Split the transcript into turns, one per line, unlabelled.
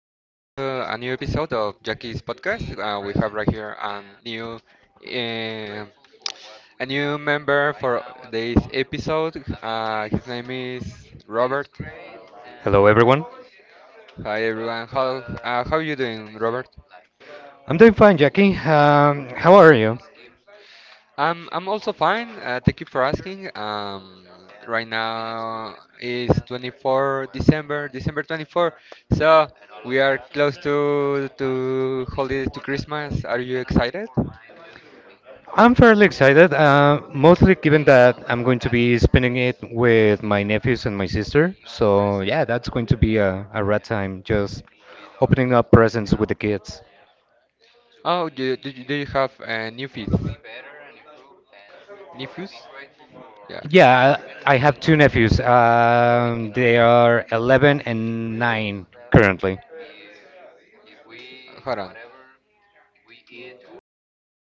a new episode of Jackie's podcast. We have right here new uh, a new member for this episode. His name is Robert.
Hello, everyone.
Hi everyone. How you doing, Robert?
I'm doing fine, Jackie. How are you?
I'm also fine. Thank you for asking. Right now is 24 December, December 24. So we are close to holiday to Christmas. Are you excited?
I'm fairly excited, mostly given that I'm going to be spending it with my nephews and my sister. So, yeah, that's going to be a rat time, just opening up presents with the kids.
Oh, do you have new fees? New fees? Yeah.
Yeah, I have two nephews. They are 11 and 9 currently.
Hold on.